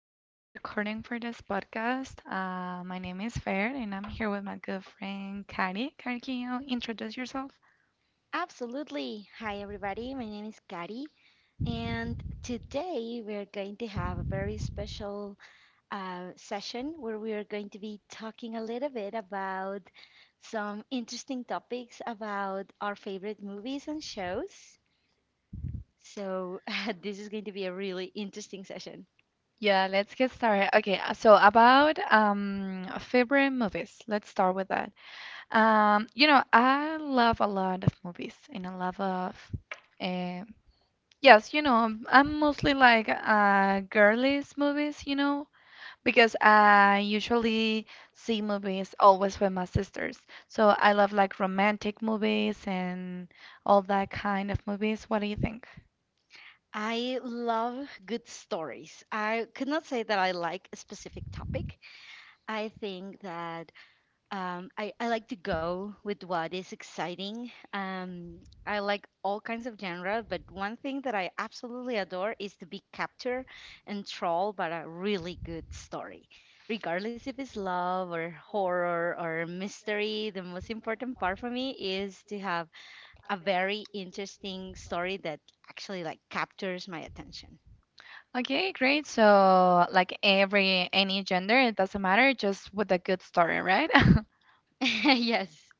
started the recording for this podcast. My name is Fair, and I'm here with my good friend Kari. Kari, can you introduce yourself? Absolutely. Hi, everybody. My name is Kari, and today we're going to have a very special session where we are going to be talking a little bit about some interesting topics about our favorite movies and shows. So, this is going to be a really interesting session. Yeah, let's get started. Okay, so about favorite movies. Let's start with that. You know, I love a lot of movies, and uh, yes, you know, I'm mostly like girlies movies, you know, because I usually see movies always with my sisters. So I love like romantic movies and all that kind of movies. What do you think? I love good stories. I could not say that I like a specific topic. I think that I like to go with what is exciting. I like all kinds of genre, but one thing that I absolutely adore is to be captured and trolled by a really good story. Regardless if it's love or horror or mystery, the most important part for me is to have a very interesting story that actually like captures my attention. Okay, great. So like every any gender, it doesn't matter, just with a good story, right? Yes.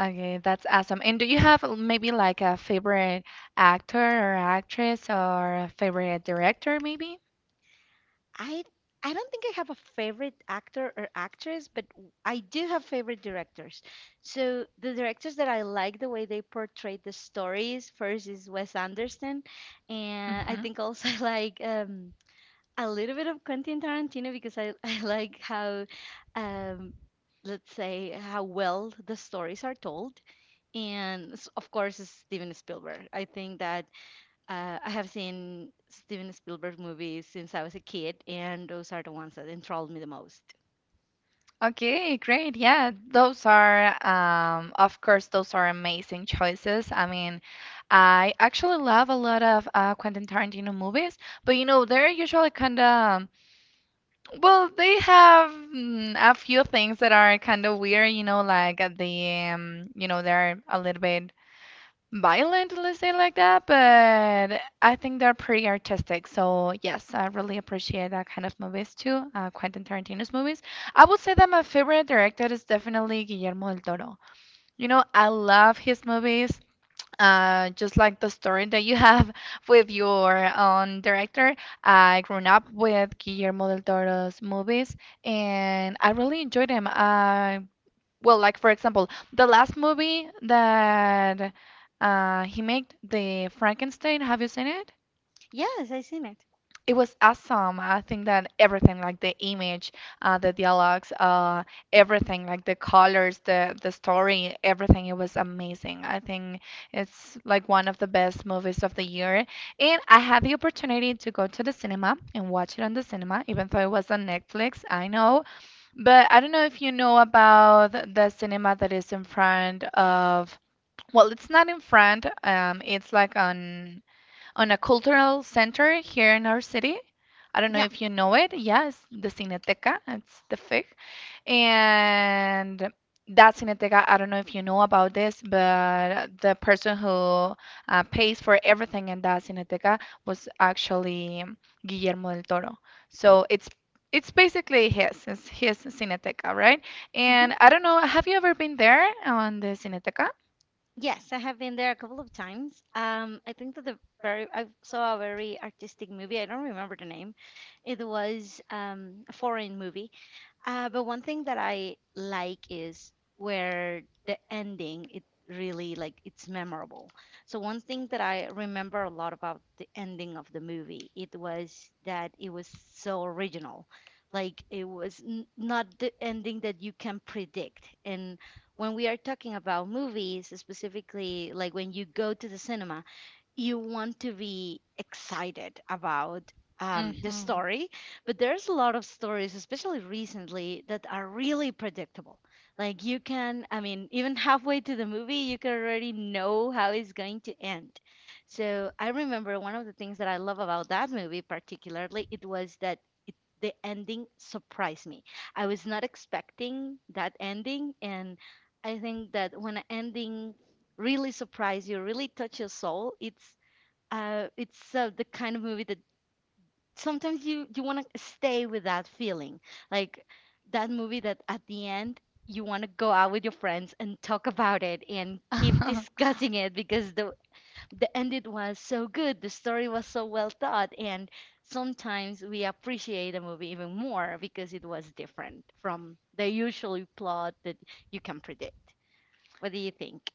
Okay, that's awesome. And do you have maybe like a favorite actor or actress or a favorite director maybe? I I don't think I have a favorite actor or actress, but I do have favorite directors. So the directors that I like the way they portray the stories first is Wes Anderson, and I Mm-hmm. think also I like a little bit of Quentin Tarantino because I I like how um, let's say how well the stories are told, and of course it's Steven Spielberg. I think that I have seen Steven Spielberg movies since I was a kid, and those are the ones that enthralled me the most. Okay, great. Yeah, those are, of course, those are amazing choices. I mean, I actually love a lot of Quentin Tarantino movies, but you know, they're usually kind of, well, they have a few things that are kind of weird, you know, like at they're a little bit violent, let's say like that, but I think they're pretty artistic. So yes, I really appreciate that kind of movies too, Quentin Tarantino's movies. I would say that my favorite director is definitely Guillermo del Toro. You know, I love his movies. Just like the story that you have with your own director, I grew up with Guillermo del Toro's movies, and I really enjoyed them. Well, like for example, the last movie that he made, the Frankenstein. Have you seen it? Yes, I've seen it. It was awesome. I think that everything, like the image, the dialogues, everything, like the colors, the story, everything, it was amazing. I think it's like one of the best movies of the year. And I had the opportunity to go to the cinema and watch it on the cinema, even though it was on Netflix. I know, but I don't know if you know about the cinema that is in front of, well, it's not in front, it's like on a cultural center here in our city. I don't know Yeah. if you know it. Yes, the Cineteca. It's the fig. And that Cineteca, I don't know if you know about this, but the person who pays for everything in that Cineteca was actually Guillermo del Toro. So it's basically it's his Cineteca, right? Hmm. And I don't know, have you ever been there on the Cineteca? Yes, I have been there a couple of times. I think that the very I saw a very artistic movie. I don't remember the name. It was a foreign movie. But one thing that I like is where the ending it really like it's memorable. So one thing that I remember a lot about the ending of the movie it was that it was so original. Like it was not the ending that you can predict. And when we are talking about movies, specifically like when you go to the cinema you want to be excited about the Mm-hmm. story, but there's a lot of stories, especially recently, that are really predictable. Like you can, I mean, even halfway to the movie, you can already know how it's going to end. So I remember one of the things that I love about that movie, particularly, it was that it, the ending surprised me. I was not expecting that ending, and I think that when an ending really surprise you, really touch your soul, it's the kind of movie that sometimes you want to stay with that feeling, like that movie that at the end you want to go out with your friends and talk about it and keep discussing it because the ending was so good, the story was so well thought, and sometimes we appreciate a movie even more because it was different from the usual plot that you can predict. What do you think?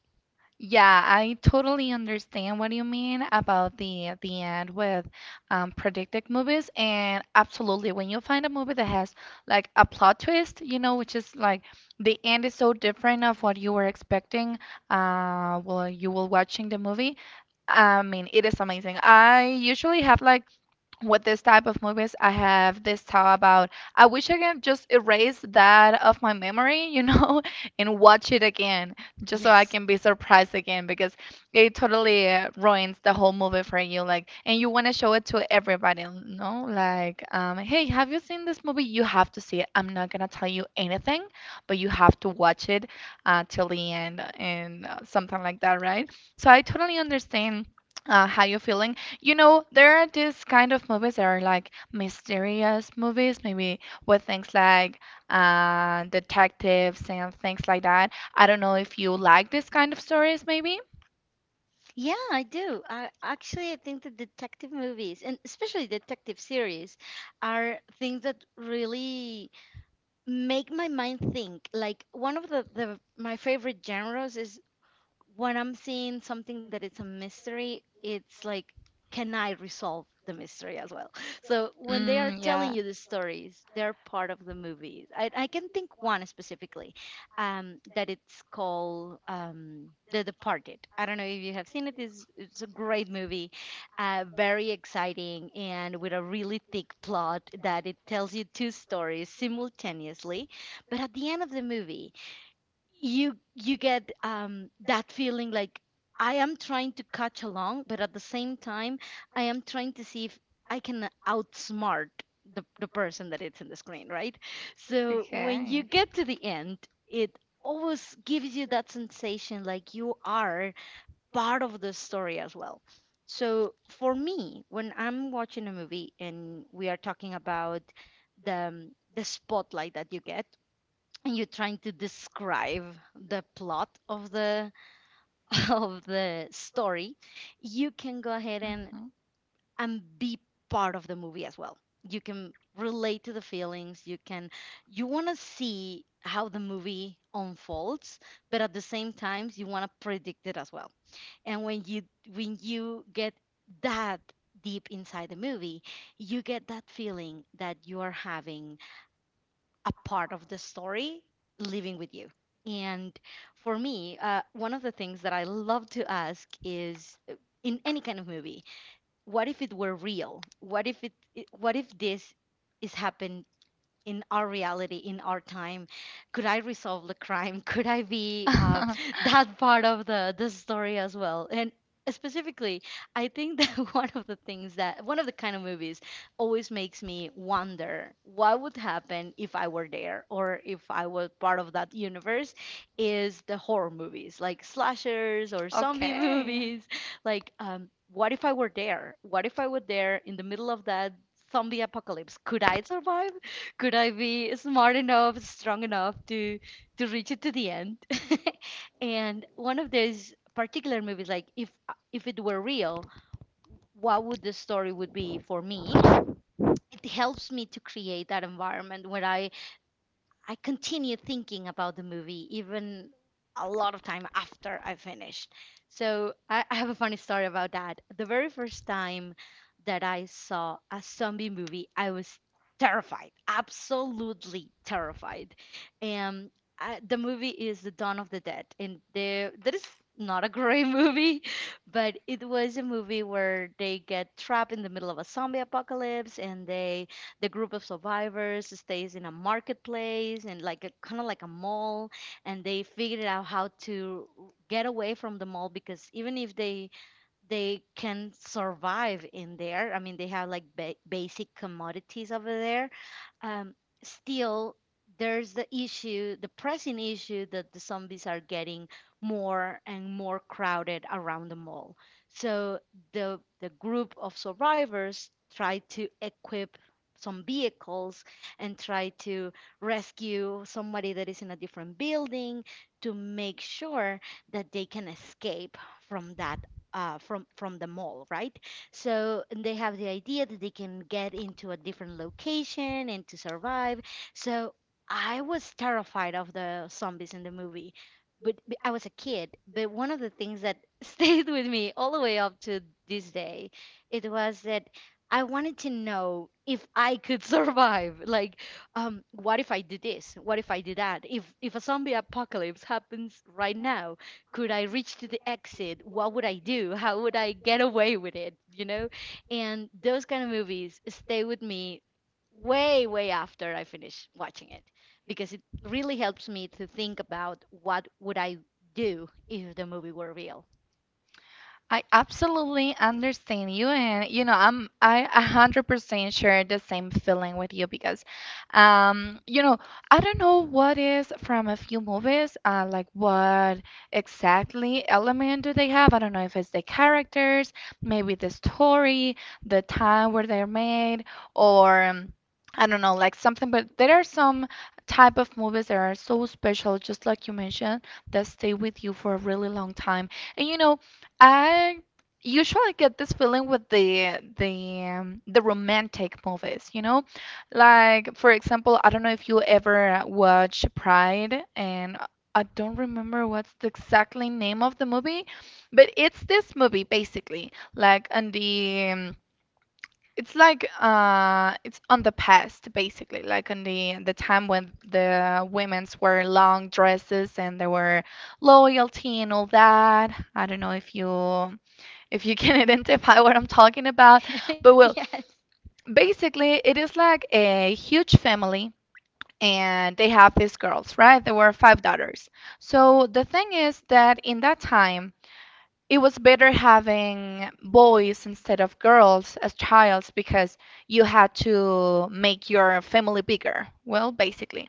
Yeah, I totally understand what you mean about the end with predicted movies, and absolutely, when you find a movie that has like a plot twist, you know, which is like the end is so different of what you were expecting, while you were watching the movie. I mean, it is amazing. I usually have like, with this type of movies, I have this thought about I wish I can just erase that of my memory, you know, and watch it again, just so I Yes. can be surprised again because it totally ruins the whole movie for you, like, and you want to show it to everybody, you know, like, hey, have you seen this movie? You have to see it. I'm not gonna tell you anything, but you have to watch it till the end and something like that, right? So I totally understand how you're feeling. You know, there are these kind of movies that are like mysterious movies, maybe with things like detectives and things like that. I don't know if you like this kind of stories, maybe. Yeah, I do. I actually I think that detective movies and especially detective series are things that really make my mind think. Like one of the my favorite genres is when I'm seeing something that it's a mystery, it's like, can I resolve the mystery as well? So when they are Mm, telling yeah. you the stories, they're part of the movies. I can think one specifically that it's called The Departed. I don't know if you have seen it. It's a great movie, very exciting, and with a really thick plot that it tells you two stories simultaneously. But at the end of the movie, you get that feeling like I am trying to catch along, but at the same time, I am trying to see if I can outsmart the person that it's in the screen, right? So when you Okay. get to the end, it always gives you that sensation like you are part of the story as well. So for me, when I'm watching a movie and we are talking about the spotlight that you get and you're trying to describe the plot of the of the story you can go ahead and be part of the movie as well you can relate to the feelings. You want to see how the movie unfolds but at the same time you want to predict it as well and when you get that deep inside the movie you get that feeling that you are having a part of the story living with you. And for me, one of the things that I love to ask is in any kind of movie, what if it were real? What if this is happened in our reality, in our time? Could I resolve the crime? Could I be Mhm. that part of the story as well? And specifically, I think that one of the things that one of the kind of movies always makes me wonder what would happen if I were there or if I was part of that universe is the horror movies, like slashers or zombie Okay. movies. Like, what if I were there? What if I were there in the middle of that zombie apocalypse? Could I survive? Could I be smart enough, strong enough to reach it to the end? And one of those particular movies, like if it were real, what would the story would be for me? It helps me to create that environment where I continue thinking about the movie even a lot of time after I finished. So I have a funny story about that. The very first time that I saw a zombie movie, I was terrified, absolutely terrified. And the movie is The Dawn of the Dead, and there that is not a great movie, but it was a movie where they get trapped in the middle of a zombie apocalypse and the group of survivors stays in a marketplace and like a kind of like a mall, and they figured out how to get away from the mall because even if they can survive in there. I mean, they have like basic commodities over there. Um, Still, there's the issue, the pressing issue that the zombies are getting more and more crowded around the mall. So the group of survivors try to equip some vehicles and try to rescue somebody that is in a different building to make sure that they can escape from that from the mall, right? So they have the idea that they can get into a different location and to survive. So I was terrified of the zombies in the movie, but I was a kid. But one of the things that stayed with me all the way up to this day, it was that I wanted to know if I could survive. Like, what if I do this? What if I do that? If a zombie apocalypse happens right now, could I reach to the exit? What would I do? How would I get away with it? You know? And those kind of movies stay with me way, way after I finish watching it because it really helps me to think about what would I do if the movie were real. I absolutely understand you, and you know, I'm I 100% share the same feeling with you because, you know, I don't know what is from a few movies, like what exactly element do they have? I don't know if it's the characters, maybe the story, the time where they're made, or I don't know, like something. But there are some type of movies that are so special, just like you mentioned, that stay with you for a really long time. And you know, I usually get this feeling with the romantic movies, you know? Like for example, I don't know if you ever watch Pride and I don't remember what's the exactly name of the movie, but it's this movie basically, like on the it's like it's on the past basically, like on the time when the women's wore long dresses and they were loyalty and all that. I don't know if you, if you can identify what I'm talking about. But Yes. well, basically, it is like a huge family and they have these girls, right? There were five daughters. So the thing is that in that time, it was better having boys instead of girls as childs because you had to make your family bigger, well, basically.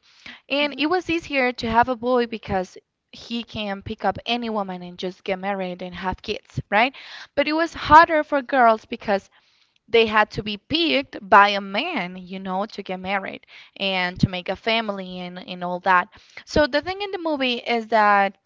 And Hmm. it was easier to have a boy because he can pick up any woman and just get married and have kids, right? But it was harder for girls because they had to be picked by a man, you know, to get married and to make a family and all that. So the thing in the movie is that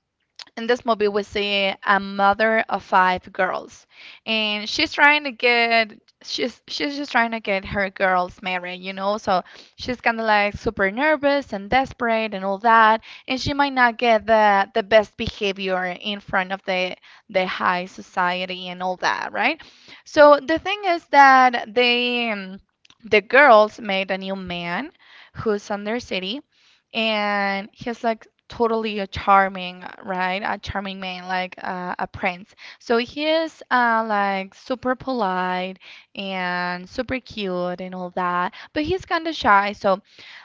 in this movie we see a mother of five girls and she's just trying to get her girls married, you know. So she's kind of like super nervous and desperate and all that, and she might not get the best behavior in front of the high society and all that, right? So the thing is that the girls made a new man who's on their city, and he's like totally a charming, right? A charming man, like a prince. So he is like super polite and super cute and all that, but he's kind of shy. So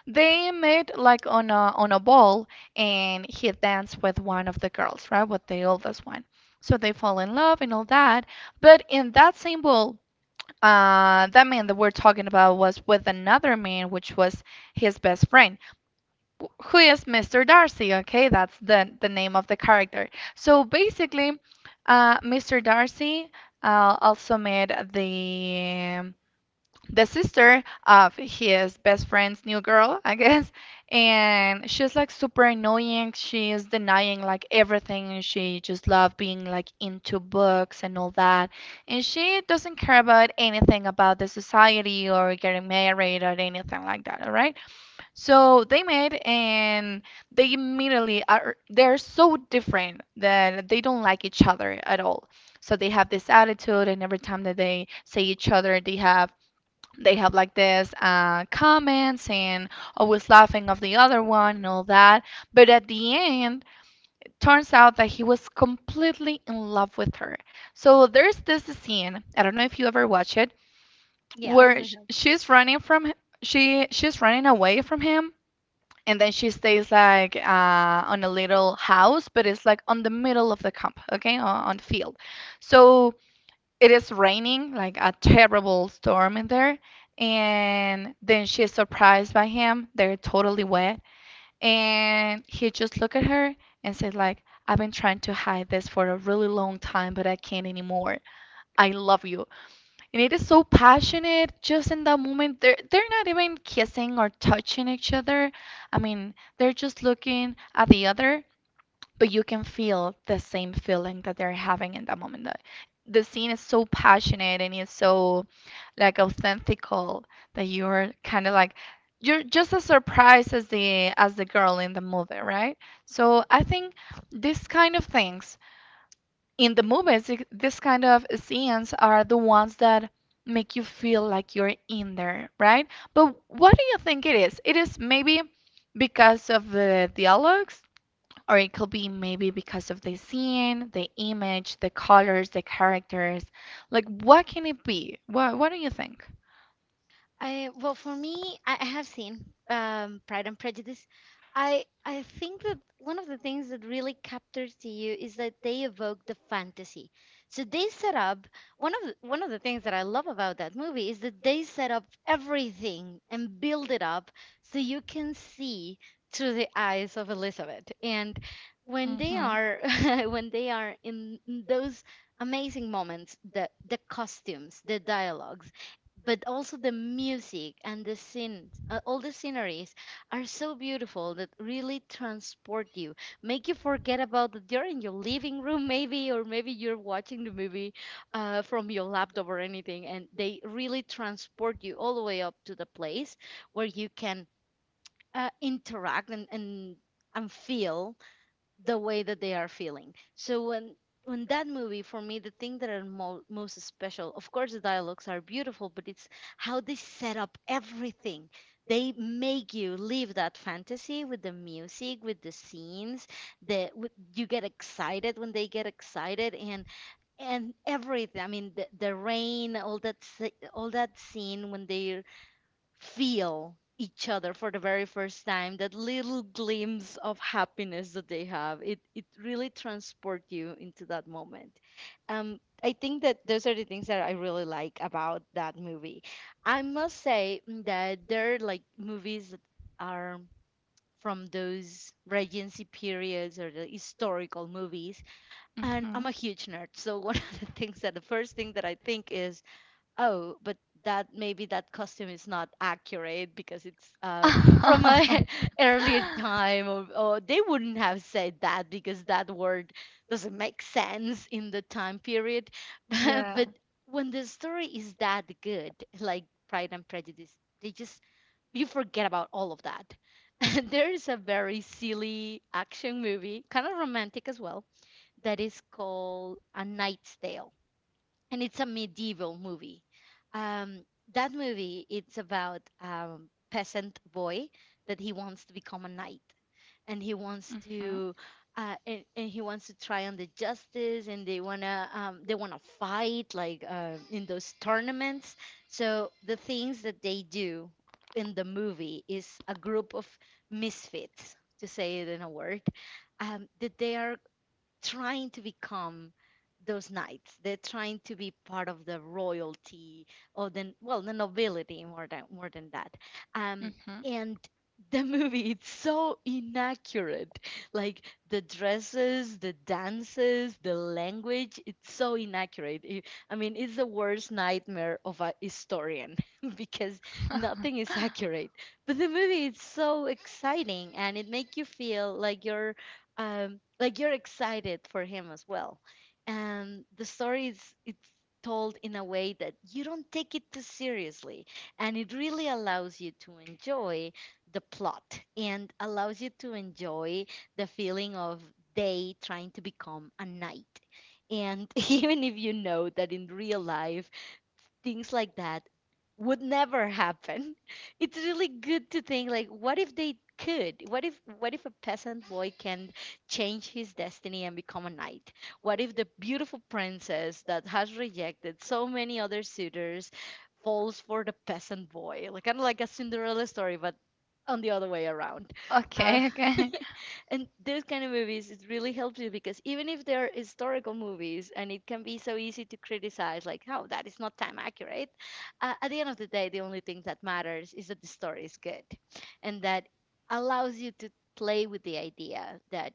they met like on a ball, and he danced with one of the girls, right? With the oldest one. So they fall in love and all that. But in that same ball, that man that we're talking about was with another man, which was his best friend who is Mr. Darcy. Okay, that's the name of the character. So basically, Mr. Darcy also made the sister of his best friend's new girl, I guess, and she's like super annoying. She is denying like everything. She just loved being like into books and all that, and she doesn't care about anything about the society or getting married or anything like that. All right. So they met and they immediately are, they're so different that they don't like each other at all. So they have this attitude, and every time that they see each other, they have like this comments and always laughing of the other one and all that. But at the end, turns out that he was completely in love with her. So there's this scene, I don't know if you ever watch it, Yeah. where she's running from she's running away from him, and then she stays like on a little house, but it's like on the middle of the camp, okay, on the field. So it is raining, like a terrible storm in there, and then she is surprised by him. They're totally wet, and he just look at her and said like, "I've been trying to hide this for a really long time, but I can't anymore. I love you." And it is so passionate just in that moment. They're not even kissing or touching each other. I mean, they're just looking at the other, but you can feel the same feeling that they're having in that moment. The scene is so passionate and it's so like authentical that you're kind of like you're just as surprised as the girl in the movie, right? So I think these kind of things in the movies, this kind of scenes are the ones that make you feel like you're in there, right? But what do you think it is? It is maybe because of the dialogues, or it could be maybe because of the scene, the image, the colors, the characters. Like, what can it be? What do you think? I Well, for me, I have seen Pride and Prejudice. I think that one of the things that really captures to you is that they evoke the fantasy. So they set up one of the things that I love about that movie is that they set up everything and build it up so you can see through the eyes of Elizabeth. And when they Mhm. are when they are in those amazing moments, the costumes, the dialogues but also the music and the scenes, all the sceneries are so beautiful that really transport you, make you forget about that you're in your living room maybe, or maybe you're watching the movie from your laptop or anything, and they really transport you all the way up to the place where you can interact and feel the way that they are feeling. So when that movie for me the thing that are most special, of course the dialogues are beautiful, but it's how they set up everything. They make you live that fantasy with the music, with the scenes, you get excited when they get excited, and everything. I mean the rain, all that all that scene when they feel each other for the very first time, that little glimpse of happiness that they have, it really transport you into that moment. I think that those are the things that I really like about that movie. I must say that there are like movies that are from those regency periods, or the historical movies, and Mhm. I'm a huge nerd, so one of the things, that the first thing that I think is, oh, but that maybe that costume is not accurate because it's from a earlier time, or they wouldn't have said that because that word doesn't make sense in the time period. But Yeah. but when the story is that good, like Pride and Prejudice, they just, you forget about all of that. There is a very silly action movie, kind of romantic as well, that is called A Knight's Tale, and it's a medieval movie. Um, that movie, it's about peasant boy that he wants to become a knight, and he wants Mm-hmm. to and he wants to try on the justice, and they wanna fight like in those tournaments. So the things that they do in the movie is a group of misfits, to say it in a word, that they are trying to become those knights. They're trying to be part of the royalty, or the, well, the nobility, more than that. Um, Mm-hmm. and the movie, it's so inaccurate. Like the dresses, the dances, the language, it's so inaccurate. I mean, it's the worst nightmare of a historian because nothing is accurate. But the movie is so exciting and it makes you feel like you're excited for him as well. And the story is, it's told in a way that you don't take it too seriously, and it really allows you to enjoy the plot, and allows you to enjoy the feeling of day trying to become a night, and even if you know that in real life things like that would never happen. It's really good to think, like, what if they could? What if a peasant boy can change his destiny and become a knight? What if the beautiful princess that has rejected so many other suitors falls for the peasant boy? Like kind of like a Cinderella story, but on the other way around. Uh, Okay, okay. and those kind of movies, it really helps you, because even if they're historical movies and it can be so easy to criticize, like, oh, that is not time accurate, at the end of the day, the only thing that matters is that the story is good, and that allows you to play with the idea that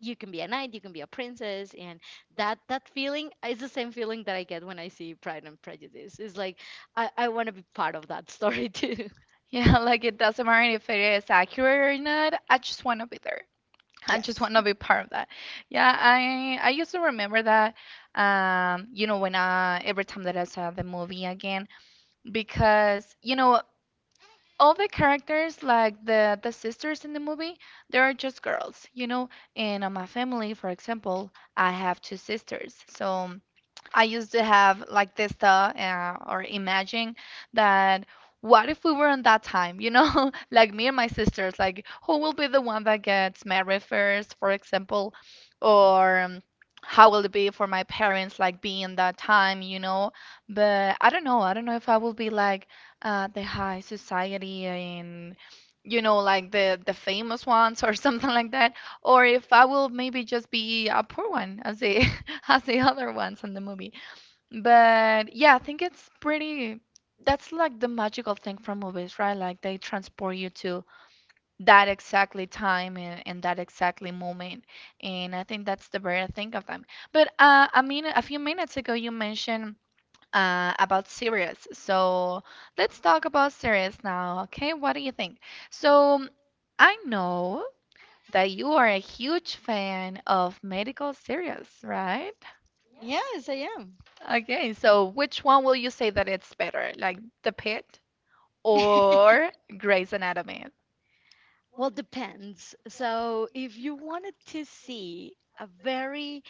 you can be a knight, you can be a princess, and that that feeling is the same feeling that I get when I see Pride and Prejudice. It's like I want to be part of that story too. Yeah, like it doesn't matter if it is accurate or not. I just want to be there. I just Yes. want to be part of that. Yeah, I used to remember that. You know, when I every time that I saw the movie again, because you know all the characters, like the sisters in the movie, they are just girls. You know, and on my family, for example, I have two sisters, so. I used to have like this thought or imagine that, what if we were in that time, you know, like me and my sisters, like who will be the one that gets married first, for example, or how will it be for my parents, like being in that time, you know? But I don't know. I don't know if I will be like the high society and, you know, like the famous ones or something like that, or if I will maybe just be a poor one as the, as the other ones in the movie. But yeah, I think it's pretty. That's like the magical thing from movies, right? Like they transport you to that exactly time and that exactly moment. And I think that's the very thing of them. A few minutes ago you mentioned about series. So let's talk about series now, okay? What do you think? So I know that you are a huge fan of medical series, right? Yes, I. Okay, so which one will you say that it's better, like The Pit or Grey's Anatomy? Well, depends. So, if you wanted to see a very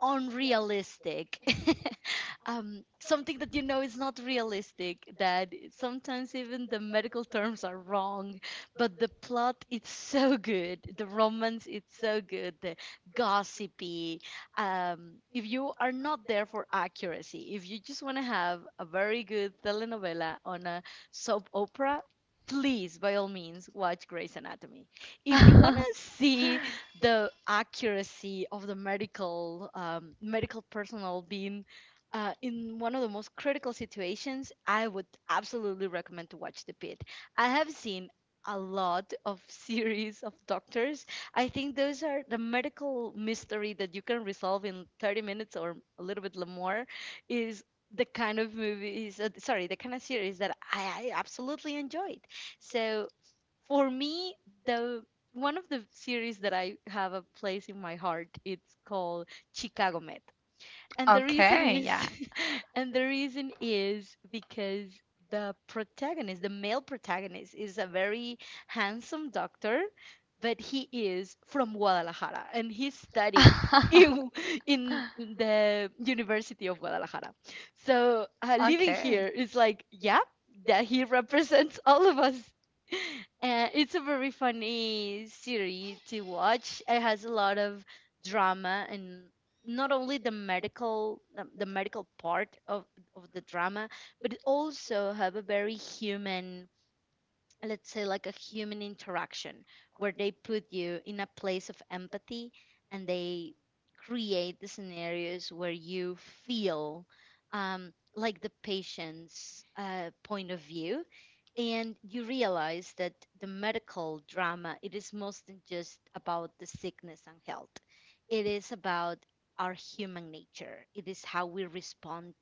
unrealistic something that you know is not realistic, that sometimes even the medical terms are wrong, but the plot it's so good, the romance it's so good, the gossipy. If you are not there for accuracy, if you just want to have a very good telenovela on a soap opera, please by all means watch Grey's Anatomy. If you want to see the accuracy of the medical medical personnel being in one of the most critical situations, I would absolutely recommend to watch The Pit. I have seen a lot of series of doctors. I think those are the medical mystery that you can resolve in 30 minutes or a little bit more, is the kind of movies, sorry, the kind of series that I absolutely enjoyed. So for me, the one of the series that I have a place in my heart, it's called Chicago Med. And the reason Okay, is yeah. and the reason is because the protagonist, the male protagonist, is a very handsome doctor, but he is from Guadalajara and he study in, in the University of Guadalajara. So living here Okay. is like, yeah, that he represents all of us. Uh, it's a very funny series to watch. It has a lot of drama, and not only the medical, the medical part of the drama, but it also have a very human, let's say like a human interaction, where they put you in a place of empathy, and they create the scenarios where you feel like the patient's point of view, and you realize that the medical drama, it is more than just about the sickness and health. It is about our human nature. It is how we respond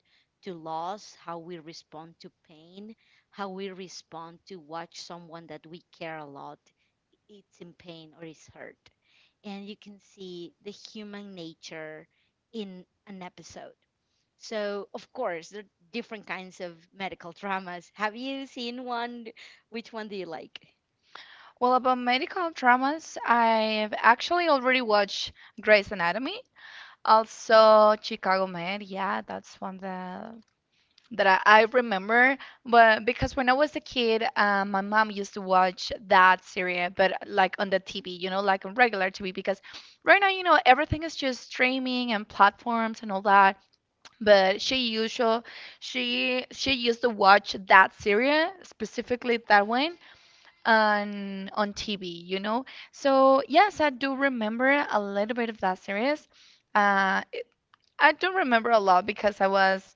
to loss, how we respond to pain, how we respond to watch someone that we care a lot, it's in pain or is hurt, and you can see the human nature in an episode. So of course there are different kinds of medical dramas. Have you seen one? Which one do you like? Well, about medical dramas, I've actually already watched Grey's Anatomy. Also, Chicago Med, yeah, that's one that I remember. But because when I was a kid, my mom used to watch that series, but like on the TV, you know, like on regular TV. Because right now, you know, everything is just streaming and platforms and all that. But she usual, she used to watch that series, specifically that one, on TV, you know. So yes, I do remember a little bit of that series. Uh, I don't remember a lot because I was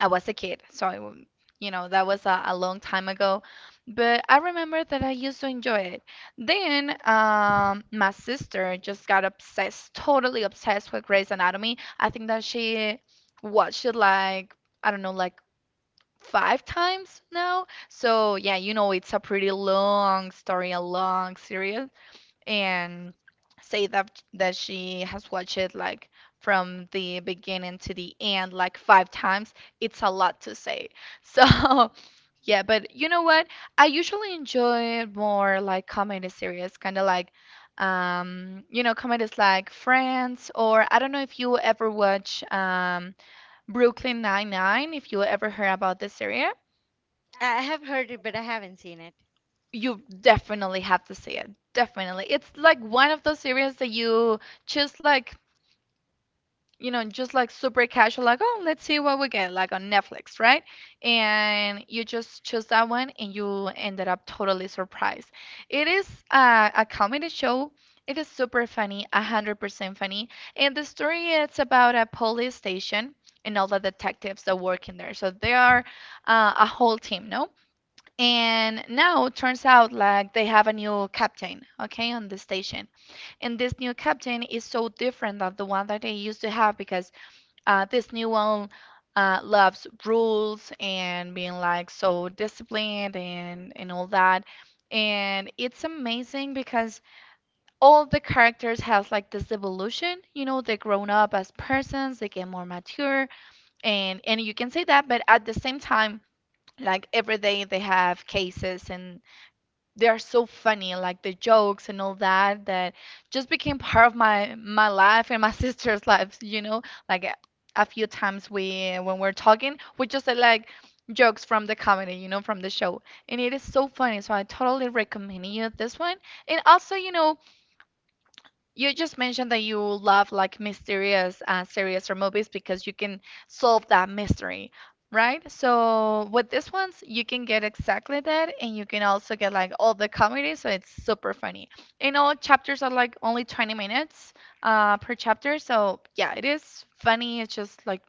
I was a kid, so you know that was a long time ago. But I remember that I used to enjoy it. Then my sister just got obsessed, totally obsessed with Grey's Anatomy. I think that she watched it like, I don't know, like five times now. So yeah, you know, it's a pretty long story, a long series, and say that that she has watched it like from the beginning to the end like 5 times, it's a lot to say. So, yeah, but you know what? I usually enjoy more like comedy series, kind of like, you know, comedies like Friends, or I don't know if you ever watch Brooklyn Nine-Nine, if you ever heard about this series. I have heard it, but I haven't seen it. You definitely have to see it. Definitely. It's like one of those series that you just like, you know, just like super casual, like, oh, let's see what we get, like on Netflix, right? And you just chose that one and you ended up totally surprised. It is a comedy show. It is super funny, 100% funny. And the story is about a police station and all the detectives that work in there. So they are a whole team, no? And now it turns out like they have a new captain, okay, on the station. And this new captain is so different than the one that they used to have, because this new one loves rules and being like so disciplined and all that. And it's amazing because all the characters have like this evolution. You know, they grown up as persons, they get more mature, and you can say that, but at the same time, like every day they have cases, and they are so funny, like the jokes and all that, that just became part of my life and my sister's lives. You know, like a few times we, when we're talking, we just say like jokes from the comedy, you know, from the show, and it is so funny. So I totally recommend you this one, and also, you know, you just mentioned that you love like mysterious series or movies because you can solve that mystery, right? So with these ones, you can get exactly that, and you can also get like all the comedy, so it's super funny. And all chapters are like only 20 minutes per chapter, so yeah, it is funny. It's just like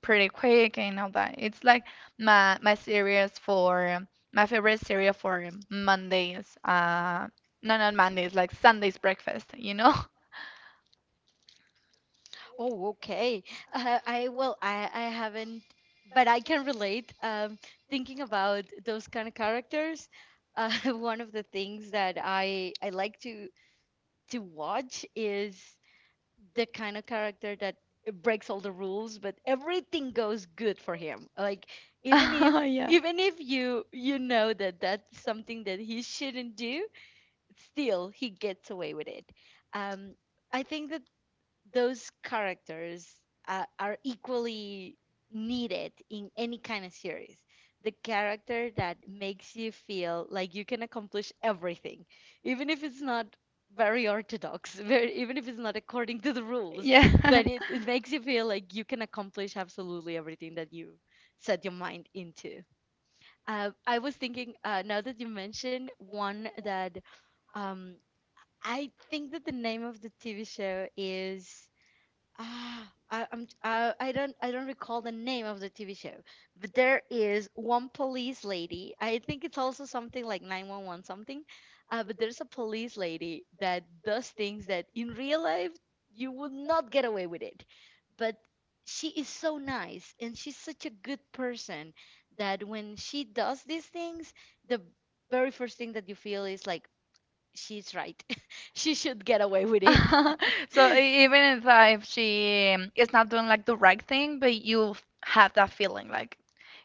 pretty quick and all that. It's like my my series for um, my favorite series for Mondays. No, not Mondays, like Sunday's breakfast, you know? Oh, okay. I, well, I haven't, but I can relate. Thinking about those kind of characters, uh, one of the things that I like to watch is the kind of character that breaks all the rules, but everything goes good for him. Like, even if Yeah. You you know that that's something that he shouldn't do, still he gets away with it. Um, I think that those characters are equally needed in any kind of series. The character that makes you feel like you can accomplish everything, even if it's not very orthodox, very, even if it's not according to the rules, Yeah. but it makes you feel like you can accomplish absolutely everything that you set your mind into. I was thinking, now that you mentioned one that um, I think that the name of the TV show is, ah, I don't recall the name of the TV show, but there is one police lady. I think it's also something like 911 something. But there's a police lady that does things that in real life you would not get away with it. But she is so nice and she's such a good person, that when she does these things, the very first thing that you feel is like, she's right. She should get away with it. So even if she is not doing like the right thing, but you have that feeling like,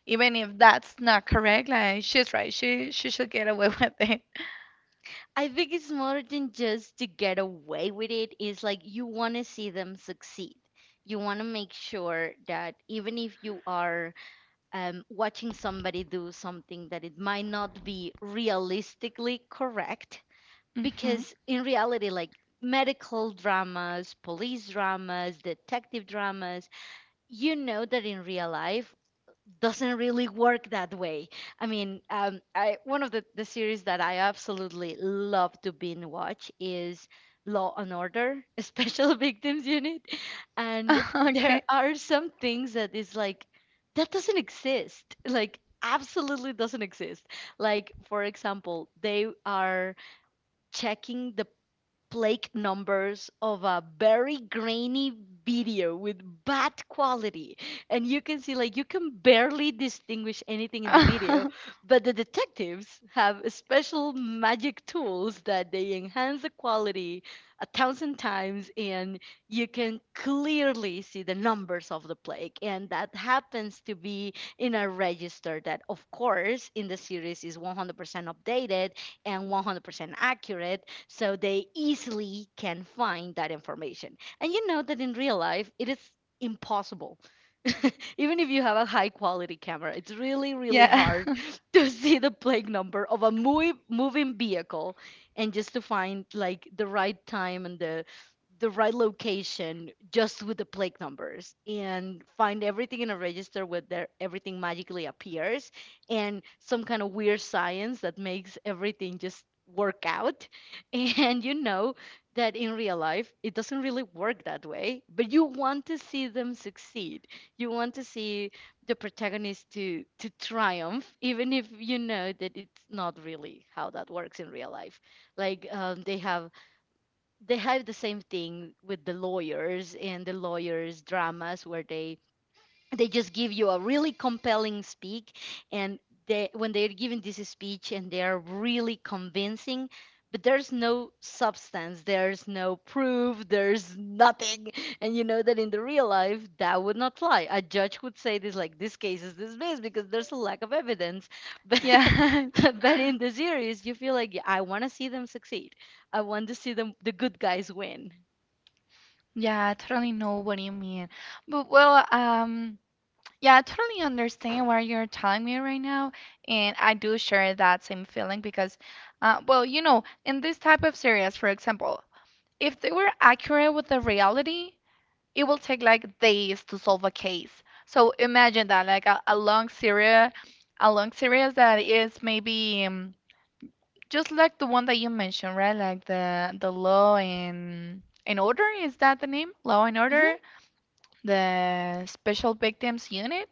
even if that's not correct, like she's right. She should get away with it. I think it's more than just to get away with it. It's like you want to see them succeed. You want to make sure that even if you are watching somebody do something that it might not be realistically correct, hmm. because in reality, like medical dramas, police dramas, detective dramas, you know that in real life doesn't really work that way. I mean, I, one of the series that I absolutely love to binge watch is Law and Order, Special Victims Unit, and there Okay. are some things that is like that doesn't exist. Like absolutely doesn't exist. Like for example, they are checking the Blake numbers of a very grainy video with bad quality. And you can see, like, you can barely distinguish anything in the video. But the detectives have special magic tools that they enhance the quality a thousand times, and you can clearly see the numbers of the plague. And that happens to be in a register that, of course, in the series is 100% updated and 100% accurate, so they easily can find that information. And you know that in real life, it is impossible. Even if you have a high quality camera, it's really, really Yeah. hard to see the plate number of a moving vehicle, and just to find like the right time and the right location just with the plate numbers and find everything in a register where there everything magically appears, and some kind of weird science that makes everything just work out. And you know that in real life, it doesn't really work that way, but you want to see them succeed. You want to see the protagonist to triumph, even if you know that it's not really how that works in real life. Like they have the same thing with the lawyers and the lawyers dramas, where they just give you a really compelling speak, and they, when they're giving this speech and they're really convincing, but there's no substance, there's no proof, there's nothing, and you know that in the real life that would not fly. A judge would say this, like, this case is dismissed because there's a lack of evidence. But Yeah. but in the series you feel like, "Yeah, I want to see them succeed. I want to see them, the good guys win." Yeah, I totally know what you mean. But well, yeah, I totally understand what you're telling me right now, and I do share that same feeling because, well, you know, in this type of series, for example, if they were accurate with the reality, it will take like days to solve a case. So imagine that, like a long series that is maybe. Just like the one that you mentioned, right? Like the Law and Order, is that the name? Law and Hmm. Order, the Special Victims Unit.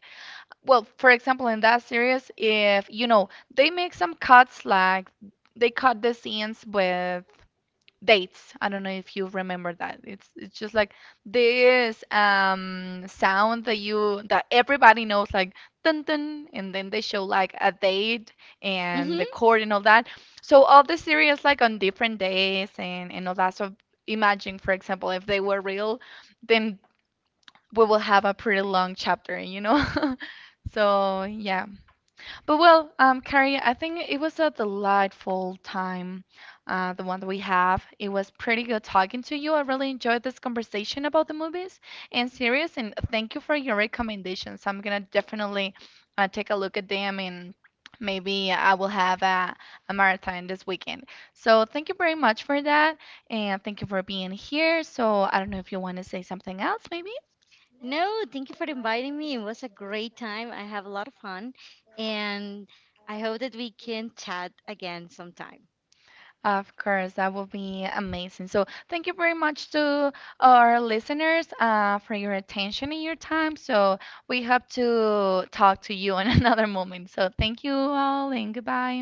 Well, for example, in that series, if you know, they make some cuts like they cut the scenes with dates. I don't know if you remember that. It's just like this sound that you, that everybody knows, like dun dun, and then they show like a date and the Hmm. chord and all that. So all the series like on different days and all that. So imagine, for example, if they were real, then we will have a pretty long chapter, you know? So yeah. But well, Carrie, I think it was a delightful time, the one that we have. It was pretty good talking to you. I really enjoyed this conversation about the movies and series, and thank you for your recommendations. I'm gonna definitely take a look at them, and maybe I will have a marathon this weekend. So thank you very much for that, and thank you for being here. So I don't know if you want to say something else, maybe. No, thank you for inviting me. It was a great time. I have a lot of fun, and I hope that we can chat again sometime. Of course, that would be amazing. So, thank you very much to our listeners for your attention and your time. So, we hope to talk to you in another moment. So, thank you all and goodbye.